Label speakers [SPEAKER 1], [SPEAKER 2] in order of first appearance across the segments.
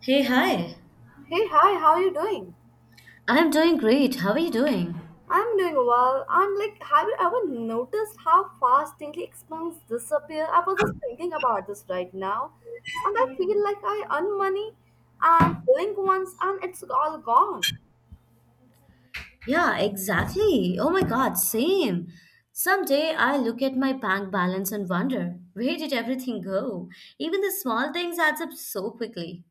[SPEAKER 1] Hey, hi.
[SPEAKER 2] Hey, hi, how are you doing?
[SPEAKER 1] I'm doing great. How are you doing?
[SPEAKER 2] I'm doing well. I'm like, have you ever noticed how fast daily expenses disappear? I was just thinking about this right now, and I feel like I earn money and blink once and it's all gone.
[SPEAKER 1] Yeah, exactly. Oh my God, same. Someday I look at my bank balance and wonder, where did everything go? Even the small things adds up so quickly.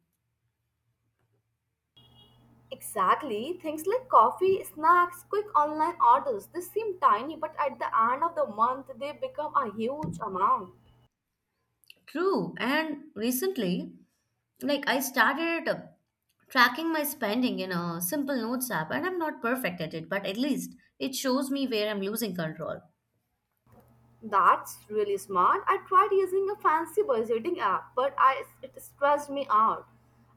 [SPEAKER 2] Exactly. Things like coffee, snacks, quick online orders, they seem tiny, but at the end of the month, they become a huge amount.
[SPEAKER 1] True. And recently, like I started tracking my spending in a simple notes app, and I'm not perfect at it, but at least it shows me where I'm losing control.
[SPEAKER 2] That's really smart. I tried using a fancy budgeting app, but it stressed me out.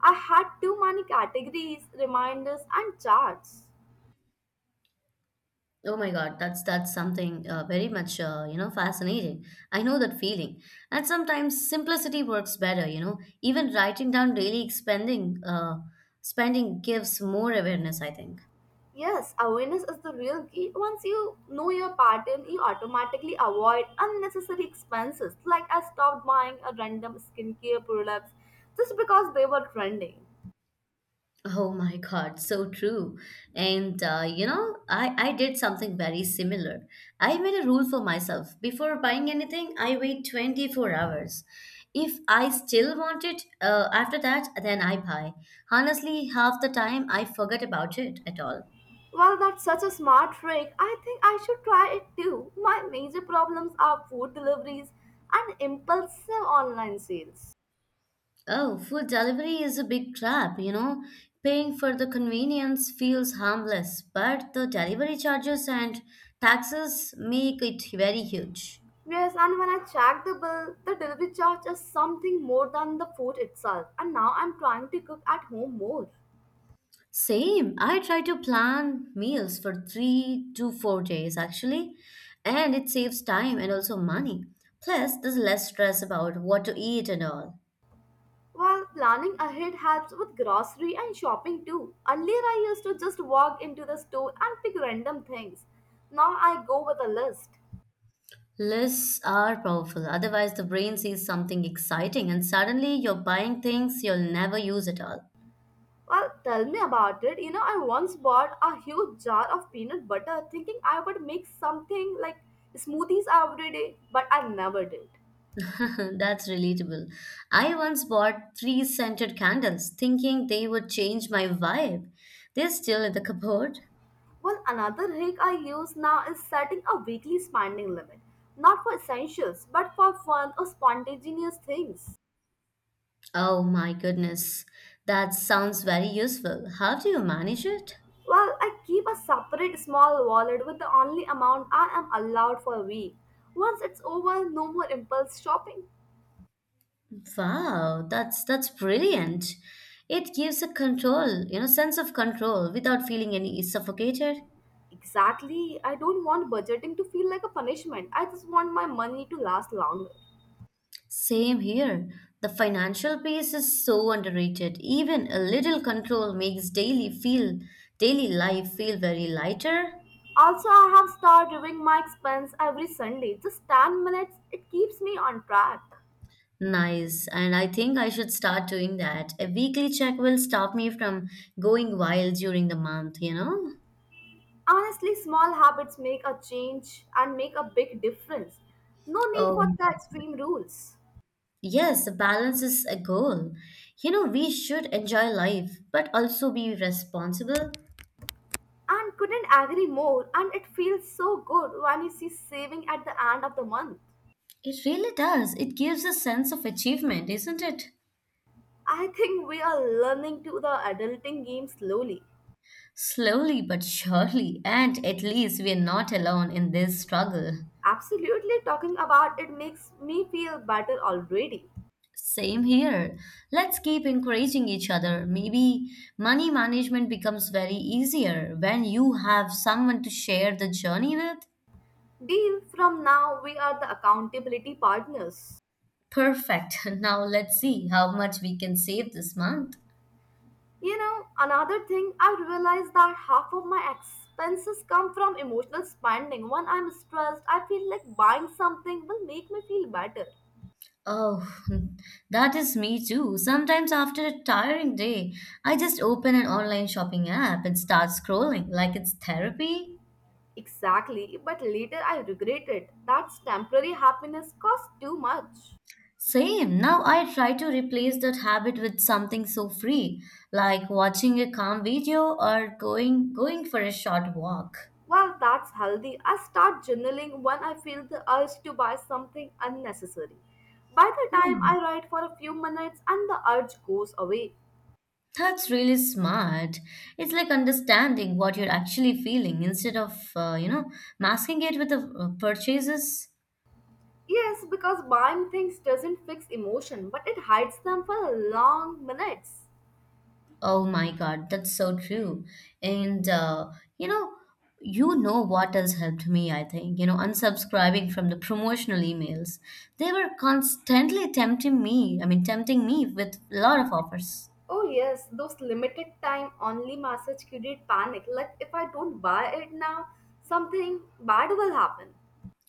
[SPEAKER 2] I had too many categories, reminders, and charts.
[SPEAKER 1] Oh my God, that's something very much fascinating. I know that feeling, and sometimes simplicity works better. You know, even writing down daily spending gives more awareness. I think.
[SPEAKER 2] Yes, awareness is the real key. Once you know your pattern, you automatically avoid unnecessary expenses. Like I stopped buying a random skincare products just because they were trending.
[SPEAKER 1] Oh my God, so true. And I did something very similar. I made a rule for myself. Before buying anything, I wait 24 hours. If I still want it after that, then I buy. Honestly, half the time I forget about it at all.
[SPEAKER 2] Well, that's such a smart trick. I think I should try it too. My major problems are food deliveries and impulsive online sales.
[SPEAKER 1] Oh, food delivery is a big trap, you know. Paying for the convenience feels harmless, but the delivery charges and taxes make it very huge.
[SPEAKER 2] Yes, and when I check the bill, the delivery charge is something more than the food itself, and now I'm trying to cook at home more.
[SPEAKER 1] Same. I try to plan meals for 3 to 4 days actually, and it saves time and also money. Plus, there's less stress about what to eat and all.
[SPEAKER 2] Well, planning ahead helps with grocery and shopping too. Earlier, I used to just walk into the store and pick random things. Now I go with a list.
[SPEAKER 1] Lists are powerful, otherwise, the brain sees something exciting and suddenly you're buying things you'll never use at all.
[SPEAKER 2] Well, tell me about it. You know, I once bought a huge jar of peanut butter thinking I would make something like smoothies every day, but I never did.
[SPEAKER 1] That's relatable. I once bought three scented candles thinking they would change my vibe. They're still in the cupboard.
[SPEAKER 2] Well, another hack I use now is setting a weekly spending limit, not for essentials, but for fun or spontaneous things.
[SPEAKER 1] Oh my goodness, that sounds very useful. How do you manage it?
[SPEAKER 2] Well, I keep a separate small wallet with the only amount I am allowed for a week. Once it's over, no more impulse shopping.
[SPEAKER 1] Wow, that's brilliant. It gives a control, you know, sense of control without feeling any suffocated.
[SPEAKER 2] Exactly. I don't want budgeting to feel like a punishment. I just want my money to last longer.
[SPEAKER 1] Same here. The financial piece is so underrated. Even a little control makes daily life feel very lighter.
[SPEAKER 2] Also, I have started reviewing my expense every Sunday. Just 10 minutes, it keeps me on track.
[SPEAKER 1] Nice. And I think I should start doing that. A weekly check will stop me from going wild during the month, you know?
[SPEAKER 2] Honestly, small habits make a change and make a big difference. No need
[SPEAKER 1] Oh.
[SPEAKER 2] for the extreme rules.
[SPEAKER 1] Yes, balance is a goal. You know, we should enjoy life, but also be responsible.
[SPEAKER 2] And couldn't agree more, and it feels so good when you see saving at the end of the month.
[SPEAKER 1] It really does. It gives a sense of achievement, isn't it?
[SPEAKER 2] I think we are learning to the adulting game slowly.
[SPEAKER 1] Slowly but surely, and at least we're not alone in this struggle.
[SPEAKER 2] Absolutely, talking about it makes me feel better already.
[SPEAKER 1] Same here. Let's keep encouraging each other. Maybe money management becomes very easier when you have someone to share the journey with.
[SPEAKER 2] Deal, from now we are the accountability partners.
[SPEAKER 1] Perfect. Now let's see how much we can save this month.
[SPEAKER 2] You know, another thing I realized that half of my expenses come from emotional spending. When I'm stressed, I feel like buying something will make me feel better.
[SPEAKER 1] Oh, that is me too. Sometimes after a tiring day, I just open an online shopping app and start scrolling like it's therapy.
[SPEAKER 2] Exactly, but later I regret it. That's temporary happiness costs too much.
[SPEAKER 1] Same. Now I try to replace that habit with something so free, like watching a calm video or going for a short walk.
[SPEAKER 2] Well, that's healthy. I start journaling when I feel the urge to buy something unnecessary. By the time
[SPEAKER 1] Hmm,
[SPEAKER 2] I write for a few minutes and the urge goes away.
[SPEAKER 1] that's really smart. It's like understanding what you're actually feeling instead of, masking it with the purchases.
[SPEAKER 2] Yes, because buying things doesn't fix emotion, but it hides them for long minutes.
[SPEAKER 1] Oh my God, that's so true. And you know, what has helped me, I think, you know, unsubscribing from the promotional emails. They were constantly tempting me, I mean, tempting me with a lot of offers.
[SPEAKER 2] Oh yes, those limited time only message create panic. Like if I don't buy it now, something bad will happen.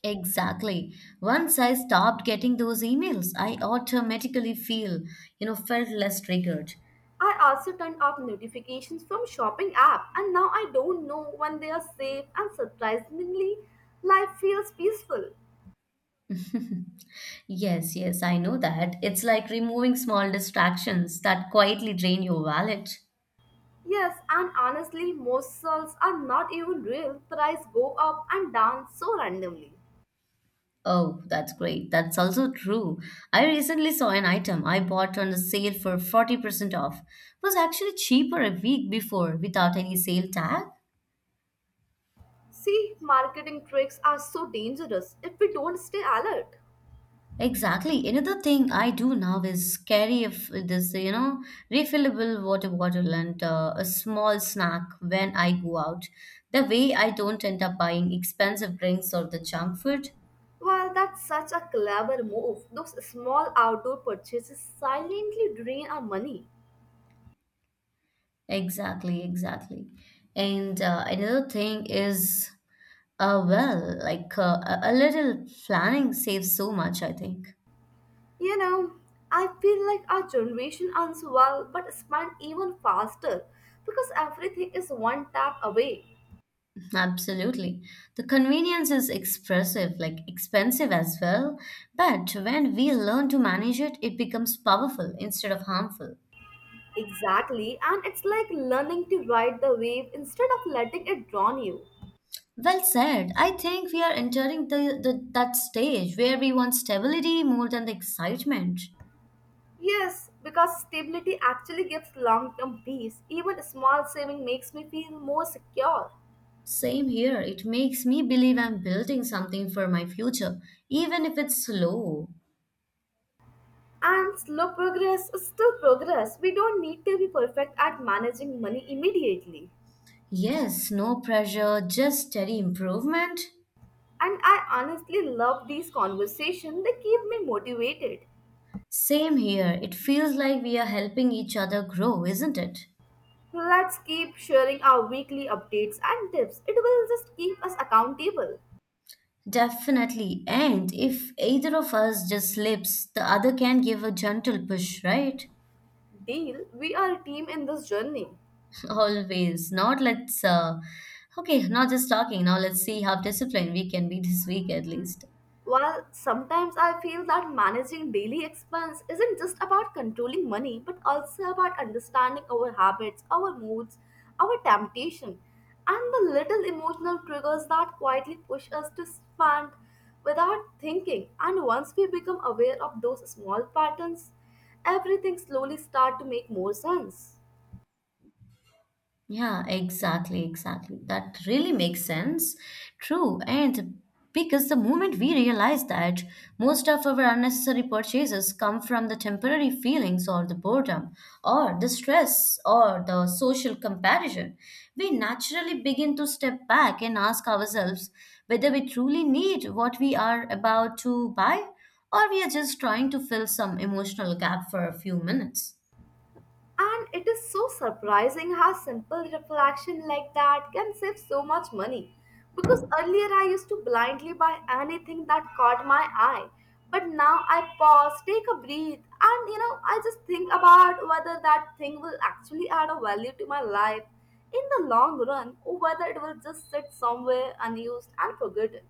[SPEAKER 1] Exactly. Once I stopped getting those emails, I automatically felt less triggered.
[SPEAKER 2] I also turned off notifications from shopping app and now I don't know when they are safe and surprisingly life feels peaceful.
[SPEAKER 1] Yes, yes, I know that. It's like removing small distractions that quietly drain your wallet.
[SPEAKER 2] Yes, and honestly most sales are not even real. Price go up and down so randomly.
[SPEAKER 1] Oh, that's great. That's also true. I recently saw an item I bought on a sale for 40% off. It was actually cheaper a week before without any sale tag.
[SPEAKER 2] See, marketing tricks are so dangerous if we don't stay alert.
[SPEAKER 1] Exactly. Another thing I do now is carry a you know, refillable water bottle and a small snack when I go out. The way I don't end up buying expensive drinks or the junk food.
[SPEAKER 2] Well, that's such a clever move. Those small outdoor purchases silently drain our money.
[SPEAKER 1] Exactly, exactly. And another thing is, like a little planning saves so much, I think.
[SPEAKER 2] You know, I feel like our generation earns well but spends even faster because everything is one tap away.
[SPEAKER 1] Absolutely. The convenience is expressive, like expensive as well, but when we learn to manage it, it becomes powerful instead of harmful.
[SPEAKER 2] Exactly, and it's like learning to ride the wave instead of letting it drown you.
[SPEAKER 1] Well said. I think we are entering the that stage where we want stability more than the excitement.
[SPEAKER 2] Yes, because stability actually gives long term peace. Even small saving makes me feel more secure.
[SPEAKER 1] Same here. It makes me believe I'm building something for my future, even if it's slow.
[SPEAKER 2] And slow progress is still progress. We don't need to be perfect at managing money immediately.
[SPEAKER 1] Yes, no pressure, just steady improvement.
[SPEAKER 2] And I honestly love these conversations, they keep me motivated.
[SPEAKER 1] Same here. It feels like we are helping each other grow, isn't it?
[SPEAKER 2] Let's keep sharing our weekly updates and tips. It will just keep us accountable.
[SPEAKER 1] Definitely. And if either of us just slips, the other can give a gentle push, right?
[SPEAKER 2] Deal, we are a team in this journey.
[SPEAKER 1] Always. Not just talking. Now let's see how disciplined we can be this week at least.
[SPEAKER 2] While sometimes I feel that managing daily expense isn't just about controlling money, but also about understanding our habits, our moods, our temptation, and the little emotional triggers that quietly push us to spend without thinking. And once we become aware of those small patterns, everything slowly start to make more sense.
[SPEAKER 1] Yeah, exactly, exactly. That really makes sense. True. And because the moment we realize that most of our unnecessary purchases come from the temporary feelings or the boredom or the stress or the social comparison, we naturally begin to step back and ask ourselves whether we truly need what we are about to buy or we are just trying to fill some emotional gap for a few minutes.
[SPEAKER 2] And it is so surprising how simple reflection like that can save so much money. Because earlier I used to blindly buy anything that caught my eye. But now I pause, take a breath, and you know, I just think about whether that thing will actually add a value to my life in the long run or whether it will just sit somewhere unused and forgotten.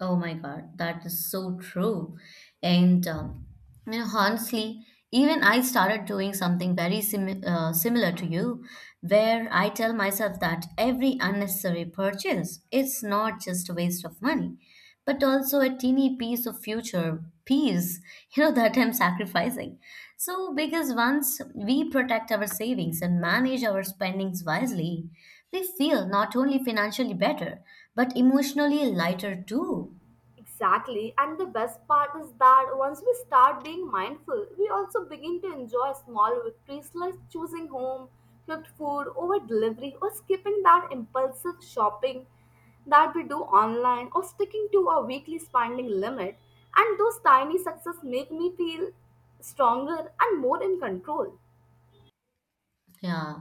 [SPEAKER 1] Oh my God, that is so true. And you know, honestly, even I started doing something very similar to you, where I tell myself that every unnecessary purchase is not just a waste of money, but also a teeny piece of future peace, you know, that I'm sacrificing. So, because once we protect our savings and manage our spendings wisely, they feel not only financially better, but emotionally lighter too.
[SPEAKER 2] Exactly. And the best part is that once we start being mindful, we also begin to enjoy small victories like choosing home, cooked food over delivery, or skipping that impulsive shopping that we do online, or sticking to our weekly spending limit. And those tiny success make me feel stronger and more in control.
[SPEAKER 1] Yeah,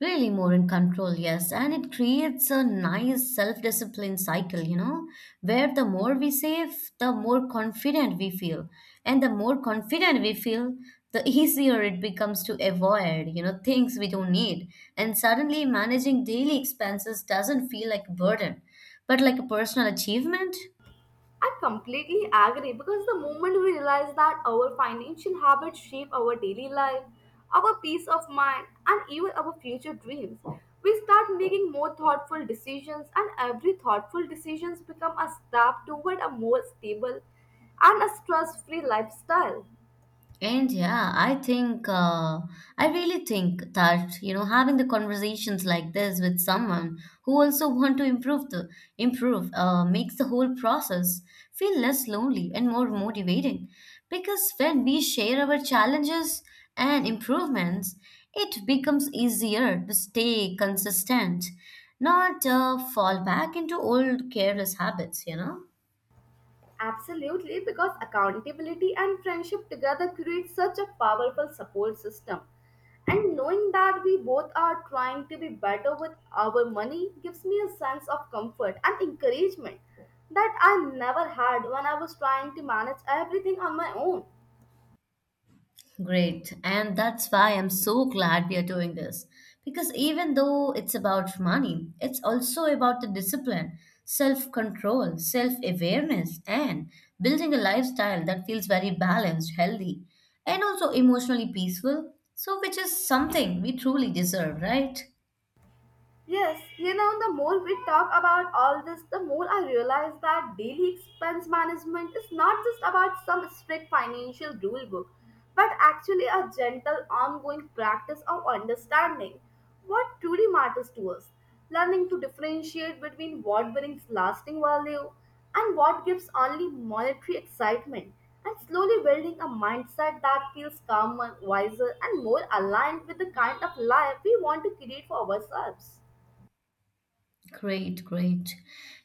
[SPEAKER 1] really more in control, yes. And it creates a nice self discipline cycle, you know, where the more we save, the more confident we feel. And the more confident we feel, the easier it becomes to avoid, you know, things we don't need. And suddenly managing daily expenses doesn't feel like a burden, but like a personal achievement.
[SPEAKER 2] I completely agree because the moment we realize that our financial habits shape our daily life, our peace of mind, and even our future dreams, we start making more thoughtful decisions, and every thoughtful decisions become a step toward a more stable and a stress-free lifestyle.
[SPEAKER 1] And yeah, I think, I really think that, you know, having the conversations like this with someone who also want to improve, makes the whole process feel less lonely and more motivating. Because when we share our challenges and improvements, it becomes easier to stay consistent, not fall back into old careless habits, you know?
[SPEAKER 2] Absolutely, because accountability and friendship together create such a powerful support system. And knowing that we both are trying to be better with our money gives me a sense of comfort and encouragement that I never had when I was trying to manage everything on my own.
[SPEAKER 1] Great. And that's why I'm so glad we are doing this. Because even though it's about money, it's also about the discipline, self control, self awareness, and building a lifestyle that feels very balanced, healthy, and also emotionally peaceful. So, which is something we truly deserve, right?
[SPEAKER 2] Yes, you know, the more we talk about all this, the more I realize that daily expense management is not just about some strict financial rule book, but actually a gentle, ongoing practice of understanding what truly matters to us, learning to differentiate between what brings lasting value and what gives only monetary excitement, and slowly building a mindset that feels calmer, wiser, and more aligned with the kind of life we want to create for ourselves.
[SPEAKER 1] Great, great.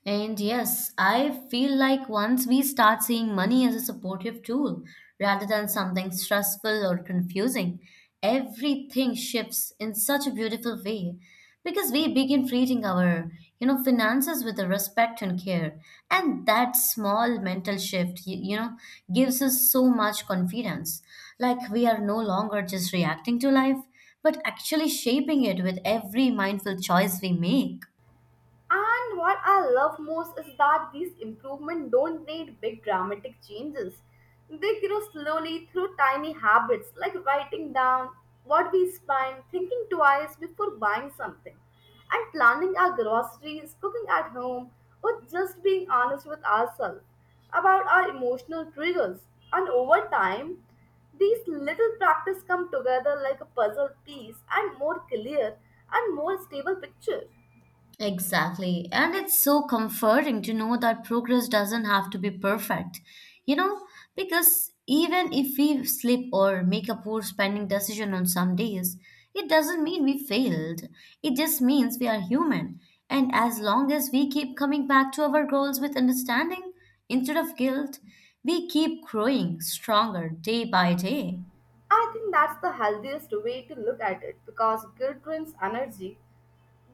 [SPEAKER 1] And yes, I feel like once we start seeing money as a supportive tool rather than something stressful or confusing, everything shifts in such a beautiful way because we begin treating our, you know, finances with the respect and care. And that small mental shift, you know, gives us so much confidence. Like we are no longer just reacting to life, but actually shaping it with every mindful choice we make.
[SPEAKER 2] And what I love most is that these improvements don't need big dramatic changes. They grow slowly through tiny habits like writing down what we spend, thinking twice before buying something, and planning our groceries, cooking at home, or just being honest with ourselves about our emotional triggers. And over time, these little practice come together like a puzzle piece and more clear and more stable picture.
[SPEAKER 1] Exactly. And it's so comforting to know that progress doesn't have to be perfect, you know, because even if we slip or make a poor spending decision on some days, it doesn't mean we failed. It just means we are human. And as long as we keep coming back to our goals with understanding instead of guilt, we keep growing stronger day by day.
[SPEAKER 2] I think that's the healthiest way to look at it because guilt drains energy,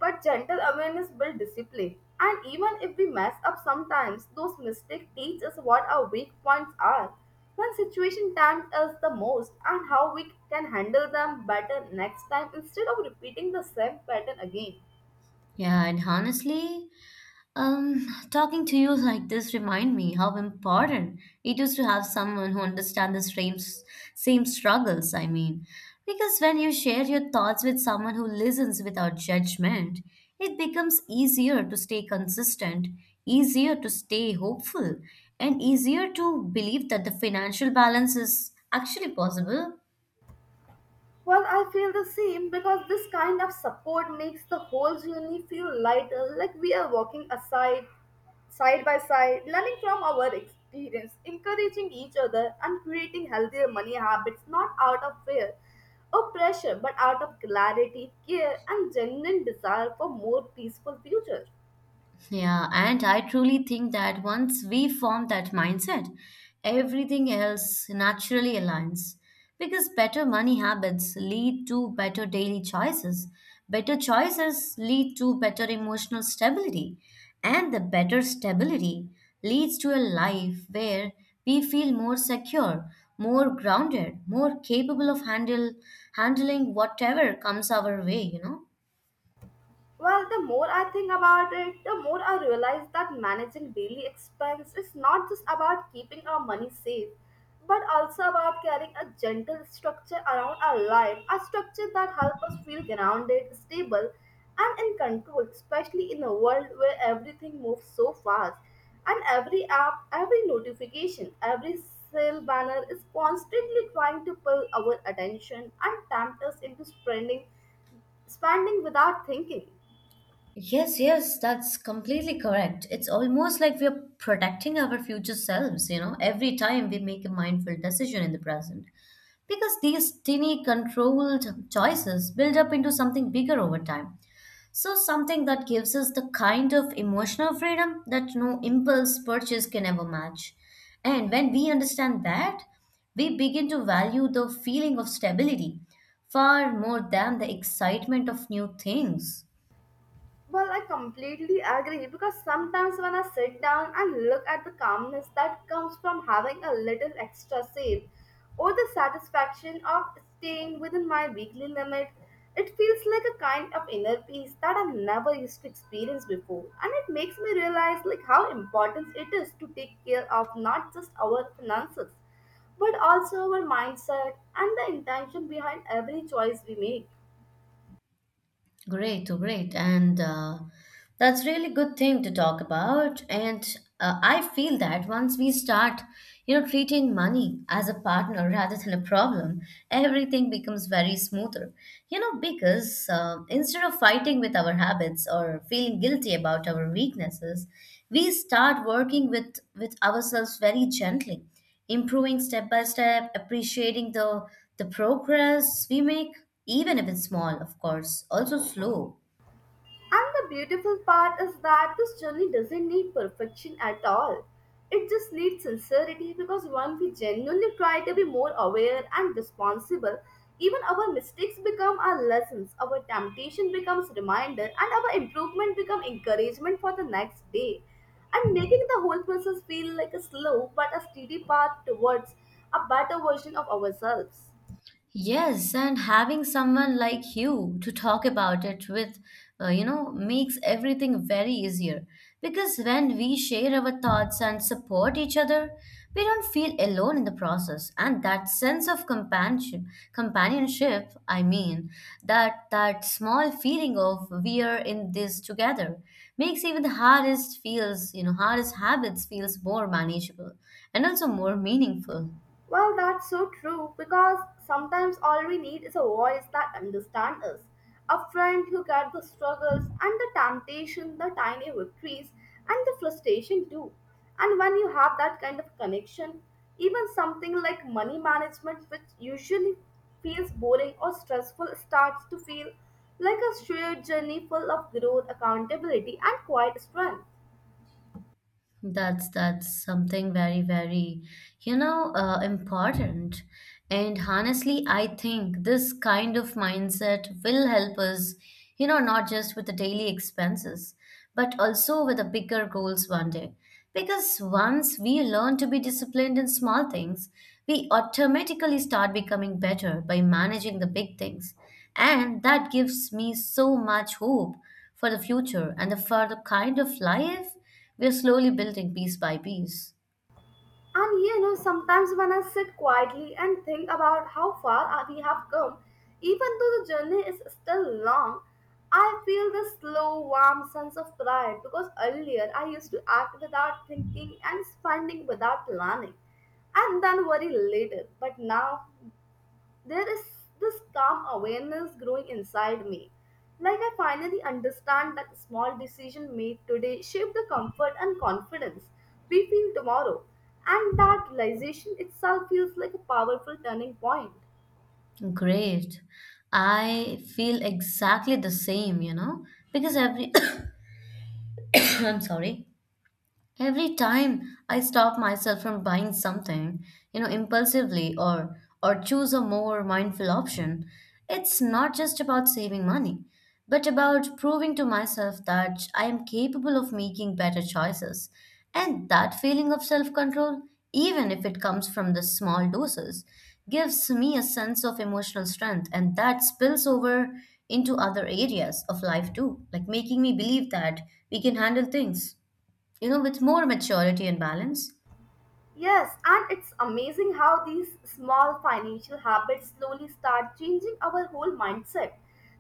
[SPEAKER 2] but gentle awareness builds discipline. And even if we mess up sometimes, those mistakes teach us what our weak points are, when situation tempt us the most, and how we can handle them better next time instead of repeating the same pattern again.
[SPEAKER 1] Yeah, and honestly, talking to you like this remind me how important it is to have someone who understands the same struggles. I mean, because when you share your thoughts with someone who listens without judgment, it becomes easier to stay consistent, easier to stay hopeful, and easier to believe that the financial balance is actually possible.
[SPEAKER 2] Well, I feel the same because this kind of support makes the whole journey feel lighter, like we are walking aside, side by side, learning from our experience, encouraging each other, and creating healthier money habits not out of fear or pressure but out of clarity, care, and genuine desire for more peaceful future.
[SPEAKER 1] Yeah, and I truly think that once we form that mindset, everything else naturally aligns. Because better money habits lead to better daily choices, better choices lead to better emotional stability, and the better stability leads to a life where we feel more secure, more grounded, more capable of handle handling whatever comes our way, you know?
[SPEAKER 2] Well, the more I think about it, the more I realize that managing daily expense is not just about keeping our money safe, but also about carrying a gentle structure around our life, a structure that helps us feel grounded, stable, and in control, especially in a world where everything moves so fast and every app, every notification, every sale banner is constantly trying to pull our attention and tempt us into spending without thinking.
[SPEAKER 1] Yes, yes, that's completely correct. It's almost like we are protecting our future selves, you know, every time we make a mindful decision in the present. Because these tiny controlled choices build up into something bigger over time. So, something that gives us the kind of emotional freedom that no impulse purchase can ever match. And when we understand that, we begin to value the feeling of stability far more than the excitement of new things.
[SPEAKER 2] Well, I completely agree because sometimes when I sit down and look at the calmness that comes from having a little extra save or the satisfaction of staying within my weekly limit, it feels like a kind of inner peace that I never used to experience before. And it makes me realize like how important it is to take care of not just our finances, but also our mindset and the intention behind every choice we make.
[SPEAKER 1] Great, oh, great. And that's really good thing to talk about. And I feel that once we start, you know, treating money as a partner rather than a problem, everything becomes very smoother. You know, because instead of fighting with our habits or feeling guilty about our weaknesses, we start working with ourselves very gently improving step by step, appreciating the progress we make, even if it's small, of course, also slow.
[SPEAKER 2] And the beautiful part is that this journey doesn't need perfection at all. It just needs sincerity because when we genuinely try to be more aware and responsible, even our mistakes become our lessons, our temptation becomes reminder, and our improvement become encouragement for the next day. And making the whole process feel like a slow but a steady path towards a better version of ourselves.
[SPEAKER 1] Yes, and having someone like you to talk about it with, you know, makes everything very easier. Because when we share our thoughts and support each other, we don't feel alone in the process. And that sense of companionship, companionship, I mean, that small feeling of we are in this together makes even the hardest habits feels more manageable and also more meaningful.
[SPEAKER 2] Well, that's so true because sometimes all we need is a voice that understands us. A friend who gets the struggles and the temptation, the tiny victories, and the frustration too. And when you have that kind of connection, even something like money management, which usually feels boring or stressful, starts to feel like a shared journey full of growth, accountability, and quiet strength.
[SPEAKER 1] That's something important. And honestly, I think this kind of mindset will help us, not just with the daily expenses, but also with the bigger goals one day. Because once we learn to be disciplined in small things, we automatically start becoming better by managing the big things. And that gives me so much hope for the future and for the kind of life we're slowly building piece by piece.
[SPEAKER 2] And you know, sometimes when I sit quietly and think about how far we have come, even though the journey is still long, I feel this slow, warm sense of pride because earlier I used to act without thinking and spending without planning and then worry later. But now there is this calm awareness growing inside me. Like I finally understand that small decision made today shape the comfort and confidence we feel tomorrow. And that realization itself feels like a powerful turning point.
[SPEAKER 1] Great. I feel exactly the same, you know, because every I'm sorry. Every time I stop myself from buying something, impulsively or choose a more mindful option, it's not just about saving money, but about proving to myself that I am capable of making better choices. And that feeling of self-control, even if it comes from the small doses, gives me a sense of emotional strength, and that spills over into other areas of life too, like making me believe that we can handle things, with more maturity and balance.
[SPEAKER 2] Yes, and it's amazing how these small financial habits slowly start changing our whole mindset.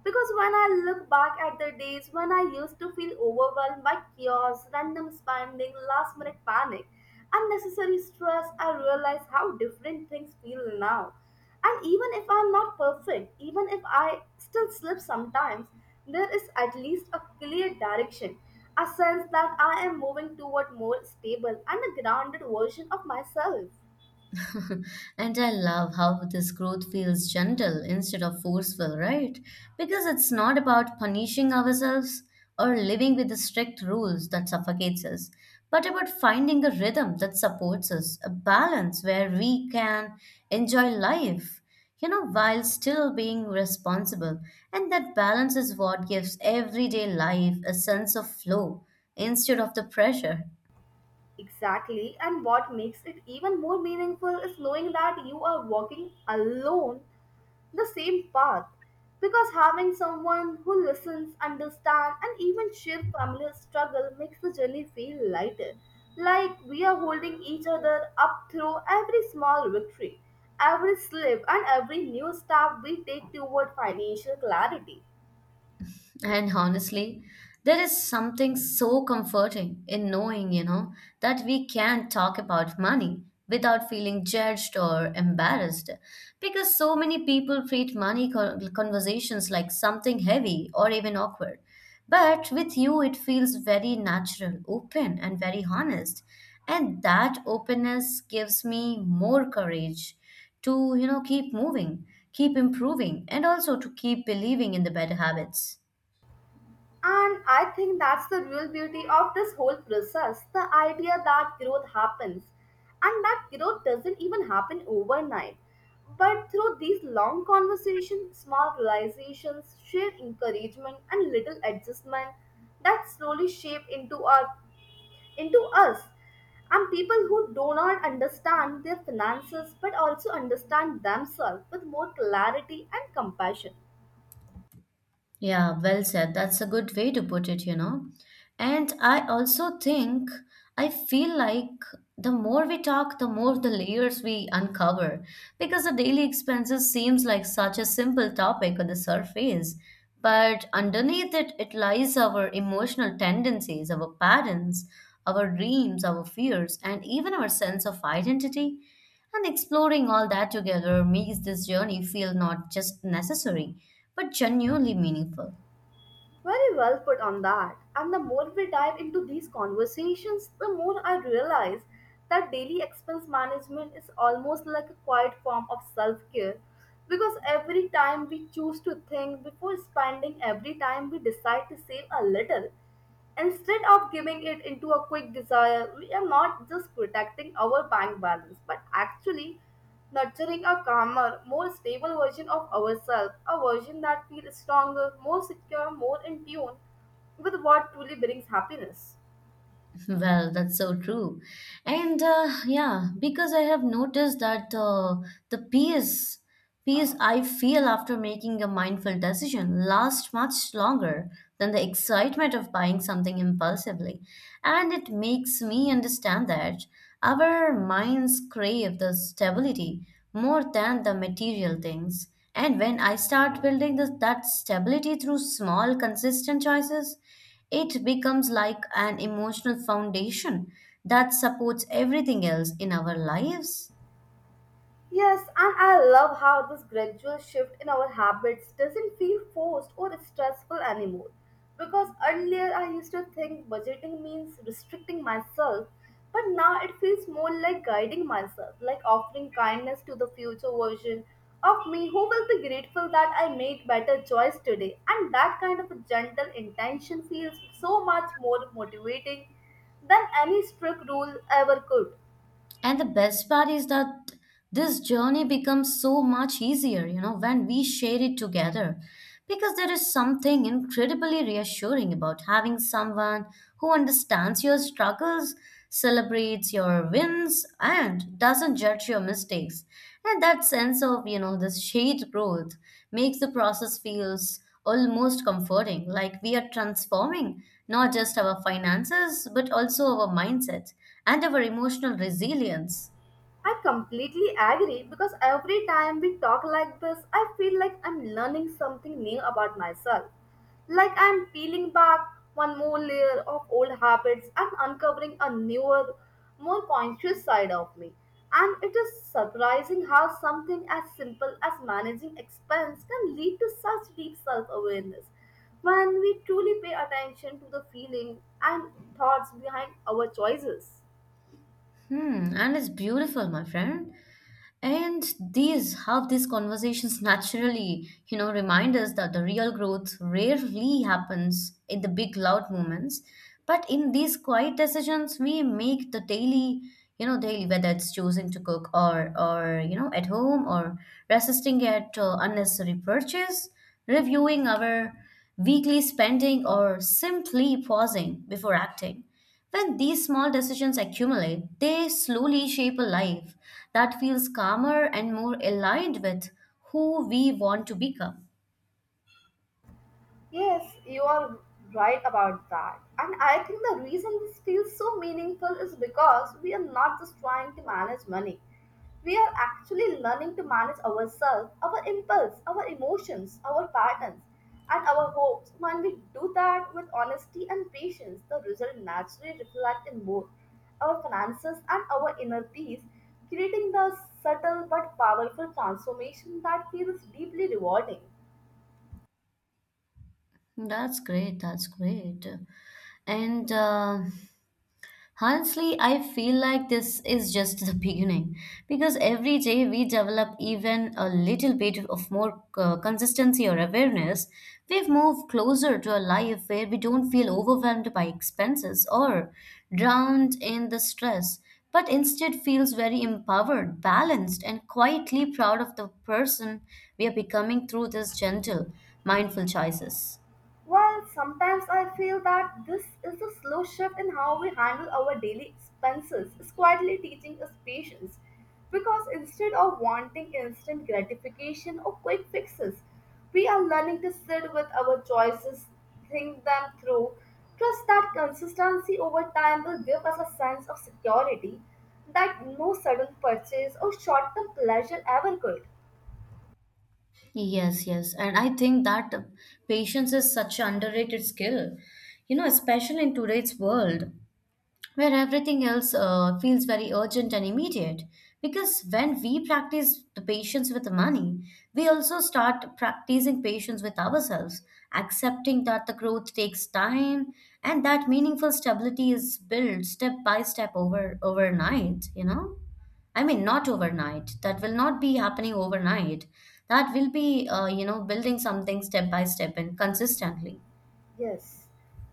[SPEAKER 2] Because when I look back at the days when I used to feel overwhelmed by chaos, random spending, last minute panic, unnecessary stress, I realize how different things feel now. And even if I'm not perfect, even if I still slip sometimes, there is at least a clear direction, a sense that I am moving toward more stable and a grounded version of myself.
[SPEAKER 1] And I love how this growth feels gentle instead of forceful, right? Because it's not about punishing ourselves or living with the strict rules that suffocates us, but about finding a rhythm that supports us, a balance where we can enjoy life, while still being responsible. And that balance is what gives everyday life a sense of flow instead of the pressure.
[SPEAKER 2] Exactly, and what makes it even more meaningful is knowing that you are walking alone the same path because having someone who listens, understands, and even share family struggle makes the journey feel lighter. Like we are holding each other up through every small victory, every slip, and every new step we take toward financial clarity.
[SPEAKER 1] And honestly, there is something so comforting in knowing, that we can talk about money without feeling judged or embarrassed. Because so many people treat conversations like something heavy or even awkward. But with you, it feels very natural, open, and very honest. And that openness gives me more courage to, keep moving, keep improving, and also to keep believing in the better habits.
[SPEAKER 2] And I think that's the real beauty of this whole process the idea that growth happens and that growth doesn't even happen overnight. But through these long conversations, small realizations, shared encouragement, and little adjustment that slowly shape into, our, into us. And people who do not understand their finances but also understand themselves with more clarity and compassion.
[SPEAKER 1] Yeah, well said. That's a good way to put it, you know. And I also think I feel like the more we talk, the more the layers we uncover, because the daily expenses seems like such a simple topic on the surface, but underneath it, it lies our emotional tendencies, our patterns, our dreams, our fears, and even our sense of identity. And exploring all that together makes this journey feel not just necessary, but genuinely meaningful.
[SPEAKER 2] Very well put on that. And the more we dive into these conversations, the more I realize that daily expense management is almost like a quiet form of self care because every time we choose to think before spending, every time we decide to save a little, instead of giving it into a quick desire, we are not just protecting our bank balance but actually nurturing a calmer, more stable version of ourselves, a version that feels stronger, more secure, more in tune with what truly brings happiness.
[SPEAKER 1] Well, that's so true. And yeah, because I have noticed that the peace I feel after making a mindful decision lasts much longer than the excitement of buying something impulsively. And it makes me understand that our minds crave the stability more than the material things. And when I start that stability through small, consistent choices, it becomes like an emotional foundation that supports everything else in our lives.
[SPEAKER 2] Yes, and I love how this gradual shift in our habits doesn't feel forced or stressful anymore. Because earlier I used to think budgeting means restricting myself, but now it feels more like guiding myself, like offering kindness to the future version of me who will be grateful that I made better choice today. And that kind of a gentle intention feels so much more motivating than any strict rule ever could.
[SPEAKER 1] And the best part is that this journey becomes so much easier, you know, when we share it together. Because there is something incredibly reassuring about having someone who understands your struggles, celebrates your wins, and doesn't judge your mistakes. And that sense of, this shared growth makes the process feels almost comforting, like we are transforming not just our finances, but also our mindset and our emotional resilience.
[SPEAKER 2] I completely agree because every time we talk like this, I feel like I'm learning something new about myself. Like I'm peeling back one more layer of old habits and uncovering a newer, more conscious side of me. And it is surprising how something as simple as managing expense can lead to such deep self awareness when we truly pay attention to the feeling and thoughts behind our choices.
[SPEAKER 1] Hmm, and it's beautiful, my friend. And these how these conversations naturally, remind us that the real growth rarely happens in the big loud moments, but in these quiet decisions we make the daily, you know, daily, whether it's choosing to cook or at home, or resisting at unnecessary purchase, reviewing our weekly spending, or simply pausing before acting. When these small decisions accumulate, they slowly shape a life that feels calmer and more aligned with who we want to become.
[SPEAKER 2] Yes, you are right about that. And I think the reason this feels so meaningful is because we are not just trying to manage money. We are actually learning to manage ourselves, our impulse, our emotions, our patterns, and our hopes. When we do that with honesty and patience, the result naturally reflects in both our finances and our inner peace, creating the subtle but powerful transformation that feels deeply rewarding.
[SPEAKER 1] That's great. That's great. And honestly, I feel like this is just the beginning, because every day we develop even a little bit of more consistency or awareness, we've moved closer to a life where we don't feel overwhelmed by expenses or drowned in the stress, but instead feels very empowered, balanced, and quietly proud of the person we are becoming through these gentle, mindful choices.
[SPEAKER 2] Well, sometimes I feel that this is a slow shift in how we handle our daily expenses is quietly teaching us patience. Because instead of wanting instant gratification or quick fixes, we are learning to sit with our choices, think them through, trust that consistency over time will give us a sense of security that no sudden purchase or short term pleasure ever could.
[SPEAKER 1] Yes, yes. And I think that patience is such an underrated skill, you know, especially in today's world where everything else feels very urgent and immediate. Because when we practice the patience with the money, we also start practicing patience with ourselves, accepting that the growth takes time and that meaningful stability is built step by step over overnight, you know? I mean, not overnight. That will not be happening overnight. That will be, building something step by step and consistently.
[SPEAKER 2] Yes.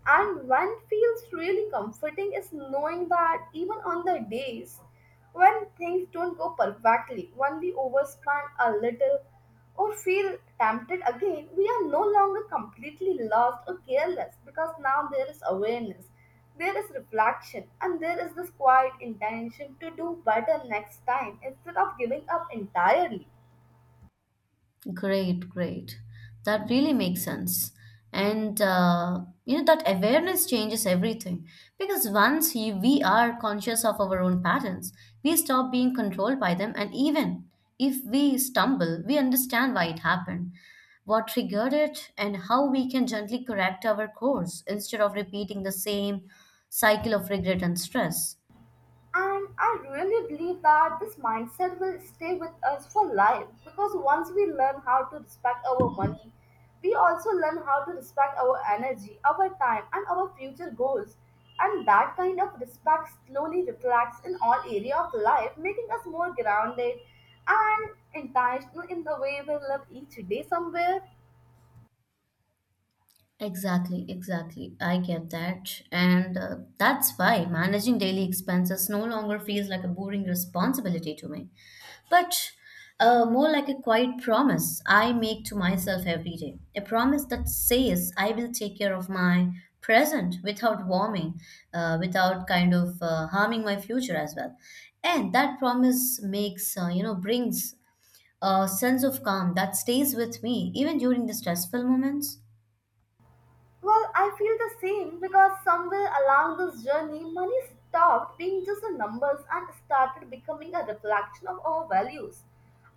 [SPEAKER 2] And one feels really comforting is knowing that even on the days when things don't go perfectly, when we overspend a little or feel tempted again, we are no longer completely lost or careless because now there is awareness, there is reflection, and there is this quiet intention to do better next time instead of giving up entirely.
[SPEAKER 1] Great, great. That really makes sense. And you know, that awareness changes everything because we are conscious of our own patterns, we stop being controlled by them, and even if we stumble, we understand why it happened, what triggered it, and how we can gently correct our course instead of repeating the same cycle of regret and stress.
[SPEAKER 2] And I really believe that this mindset will stay with us for life because once we learn how to respect our money, we also learn how to respect our energy, our time, and our future goals. And that kind of respect slowly reflects in all area of life, making us more grounded and intentional in the way we live each day somewhere.
[SPEAKER 1] Exactly, exactly. I get that. And that's why managing daily expenses no longer feels like a boring responsibility to me, but more like a quiet promise I make to myself every day. A promise that says I will take care of my present without warming, without kind of harming my future as well. And that promise brings a sense of calm that stays with me even during the stressful moments.
[SPEAKER 2] Well, I feel the same because somewhere along this journey, money stopped being just the numbers and started becoming a reflection of our values,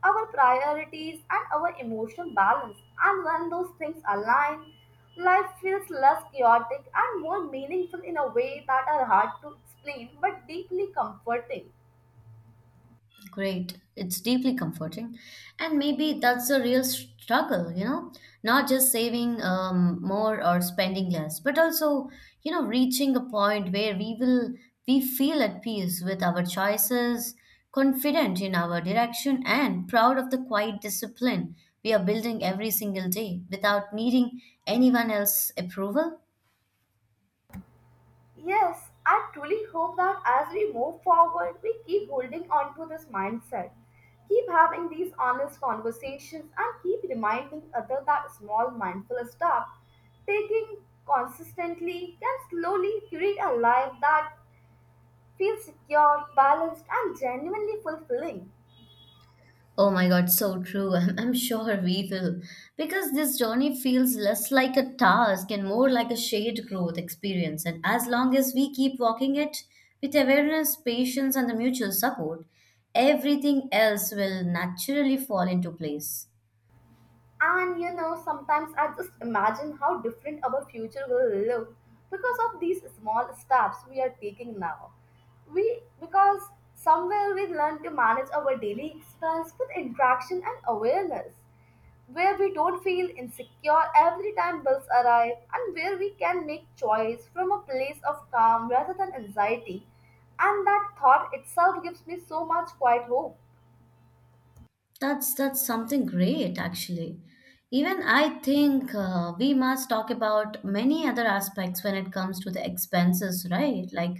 [SPEAKER 2] our priorities, and our emotional balance. And when those things align, life feels less chaotic and more meaningful in a way that are hard to explain but deeply comforting.
[SPEAKER 1] Great. It's deeply comforting. And maybe that's the real struggle, you know, not just saving more or spending less, but also, reaching a point where we feel at peace with our choices, confident in our direction, and proud of the quiet discipline we are building every single day without needing anyone else's approval.
[SPEAKER 2] Yes, I truly hope that as we move forward, we keep holding on to this mindset, keep having these honest conversations, and keep reminding others that small mindful stuff taking consistently can slowly create a life that feels secure, balanced, and genuinely fulfilling.
[SPEAKER 1] Oh my God, so true. I'm sure we will. Because this journey feels less like a task and more like a shared growth experience. And as long as we keep walking it with awareness, patience, and the mutual support, everything else will naturally fall into place.
[SPEAKER 2] And you know, sometimes I just imagine how different our future will look because of these small steps we are taking now. We because somewhere we learn to manage our daily expense with interaction and awareness, where we don't feel insecure every time bills arrive, and where we can make choice from a place of calm rather than anxiety. And that thought itself gives me so much quiet hope.
[SPEAKER 1] That's something great, actually. Even I think we must talk about many other aspects when it comes to the expenses, right? Like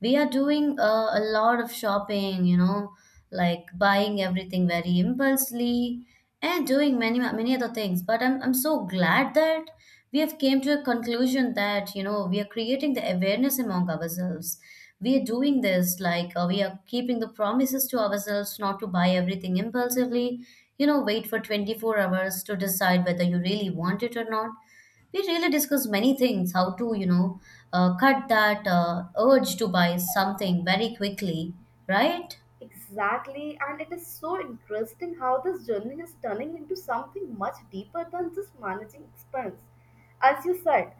[SPEAKER 1] we are doing a lot of shopping, you know, like buying everything very impulsively and doing many other things. But I'm so glad that we have came to a conclusion that, you know, we are creating the awareness among ourselves. We are doing this, like we are keeping the promises to ourselves not to buy everything impulsively. You know, wait for 24 hours to decide whether you really want it or not. We really discuss many things, how to cut that urge to buy something very quickly, right?
[SPEAKER 2] Exactly, and it is so interesting how this journey is turning into something much deeper than just managing expense, as you said.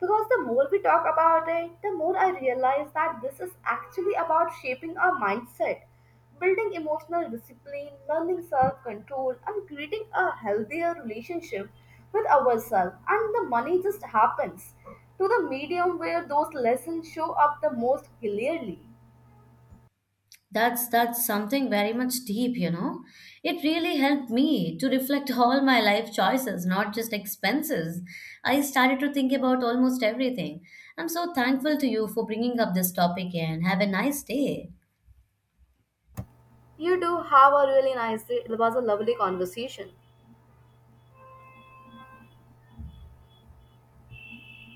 [SPEAKER 2] Because the more we talk about it, the more I realize that this is actually about shaping our mindset, building emotional discipline, learning self control, and creating a healthier relationship with ourselves. And the money just happens to the medium where those lessons show up the most clearly.
[SPEAKER 1] That's something very much deep, you know. It really helped me to reflect all my life choices, not just expenses. I started to think about almost everything. I'm so thankful to you for bringing up this topic, and have a nice day.
[SPEAKER 2] You do have a really nice day. It was a lovely conversation.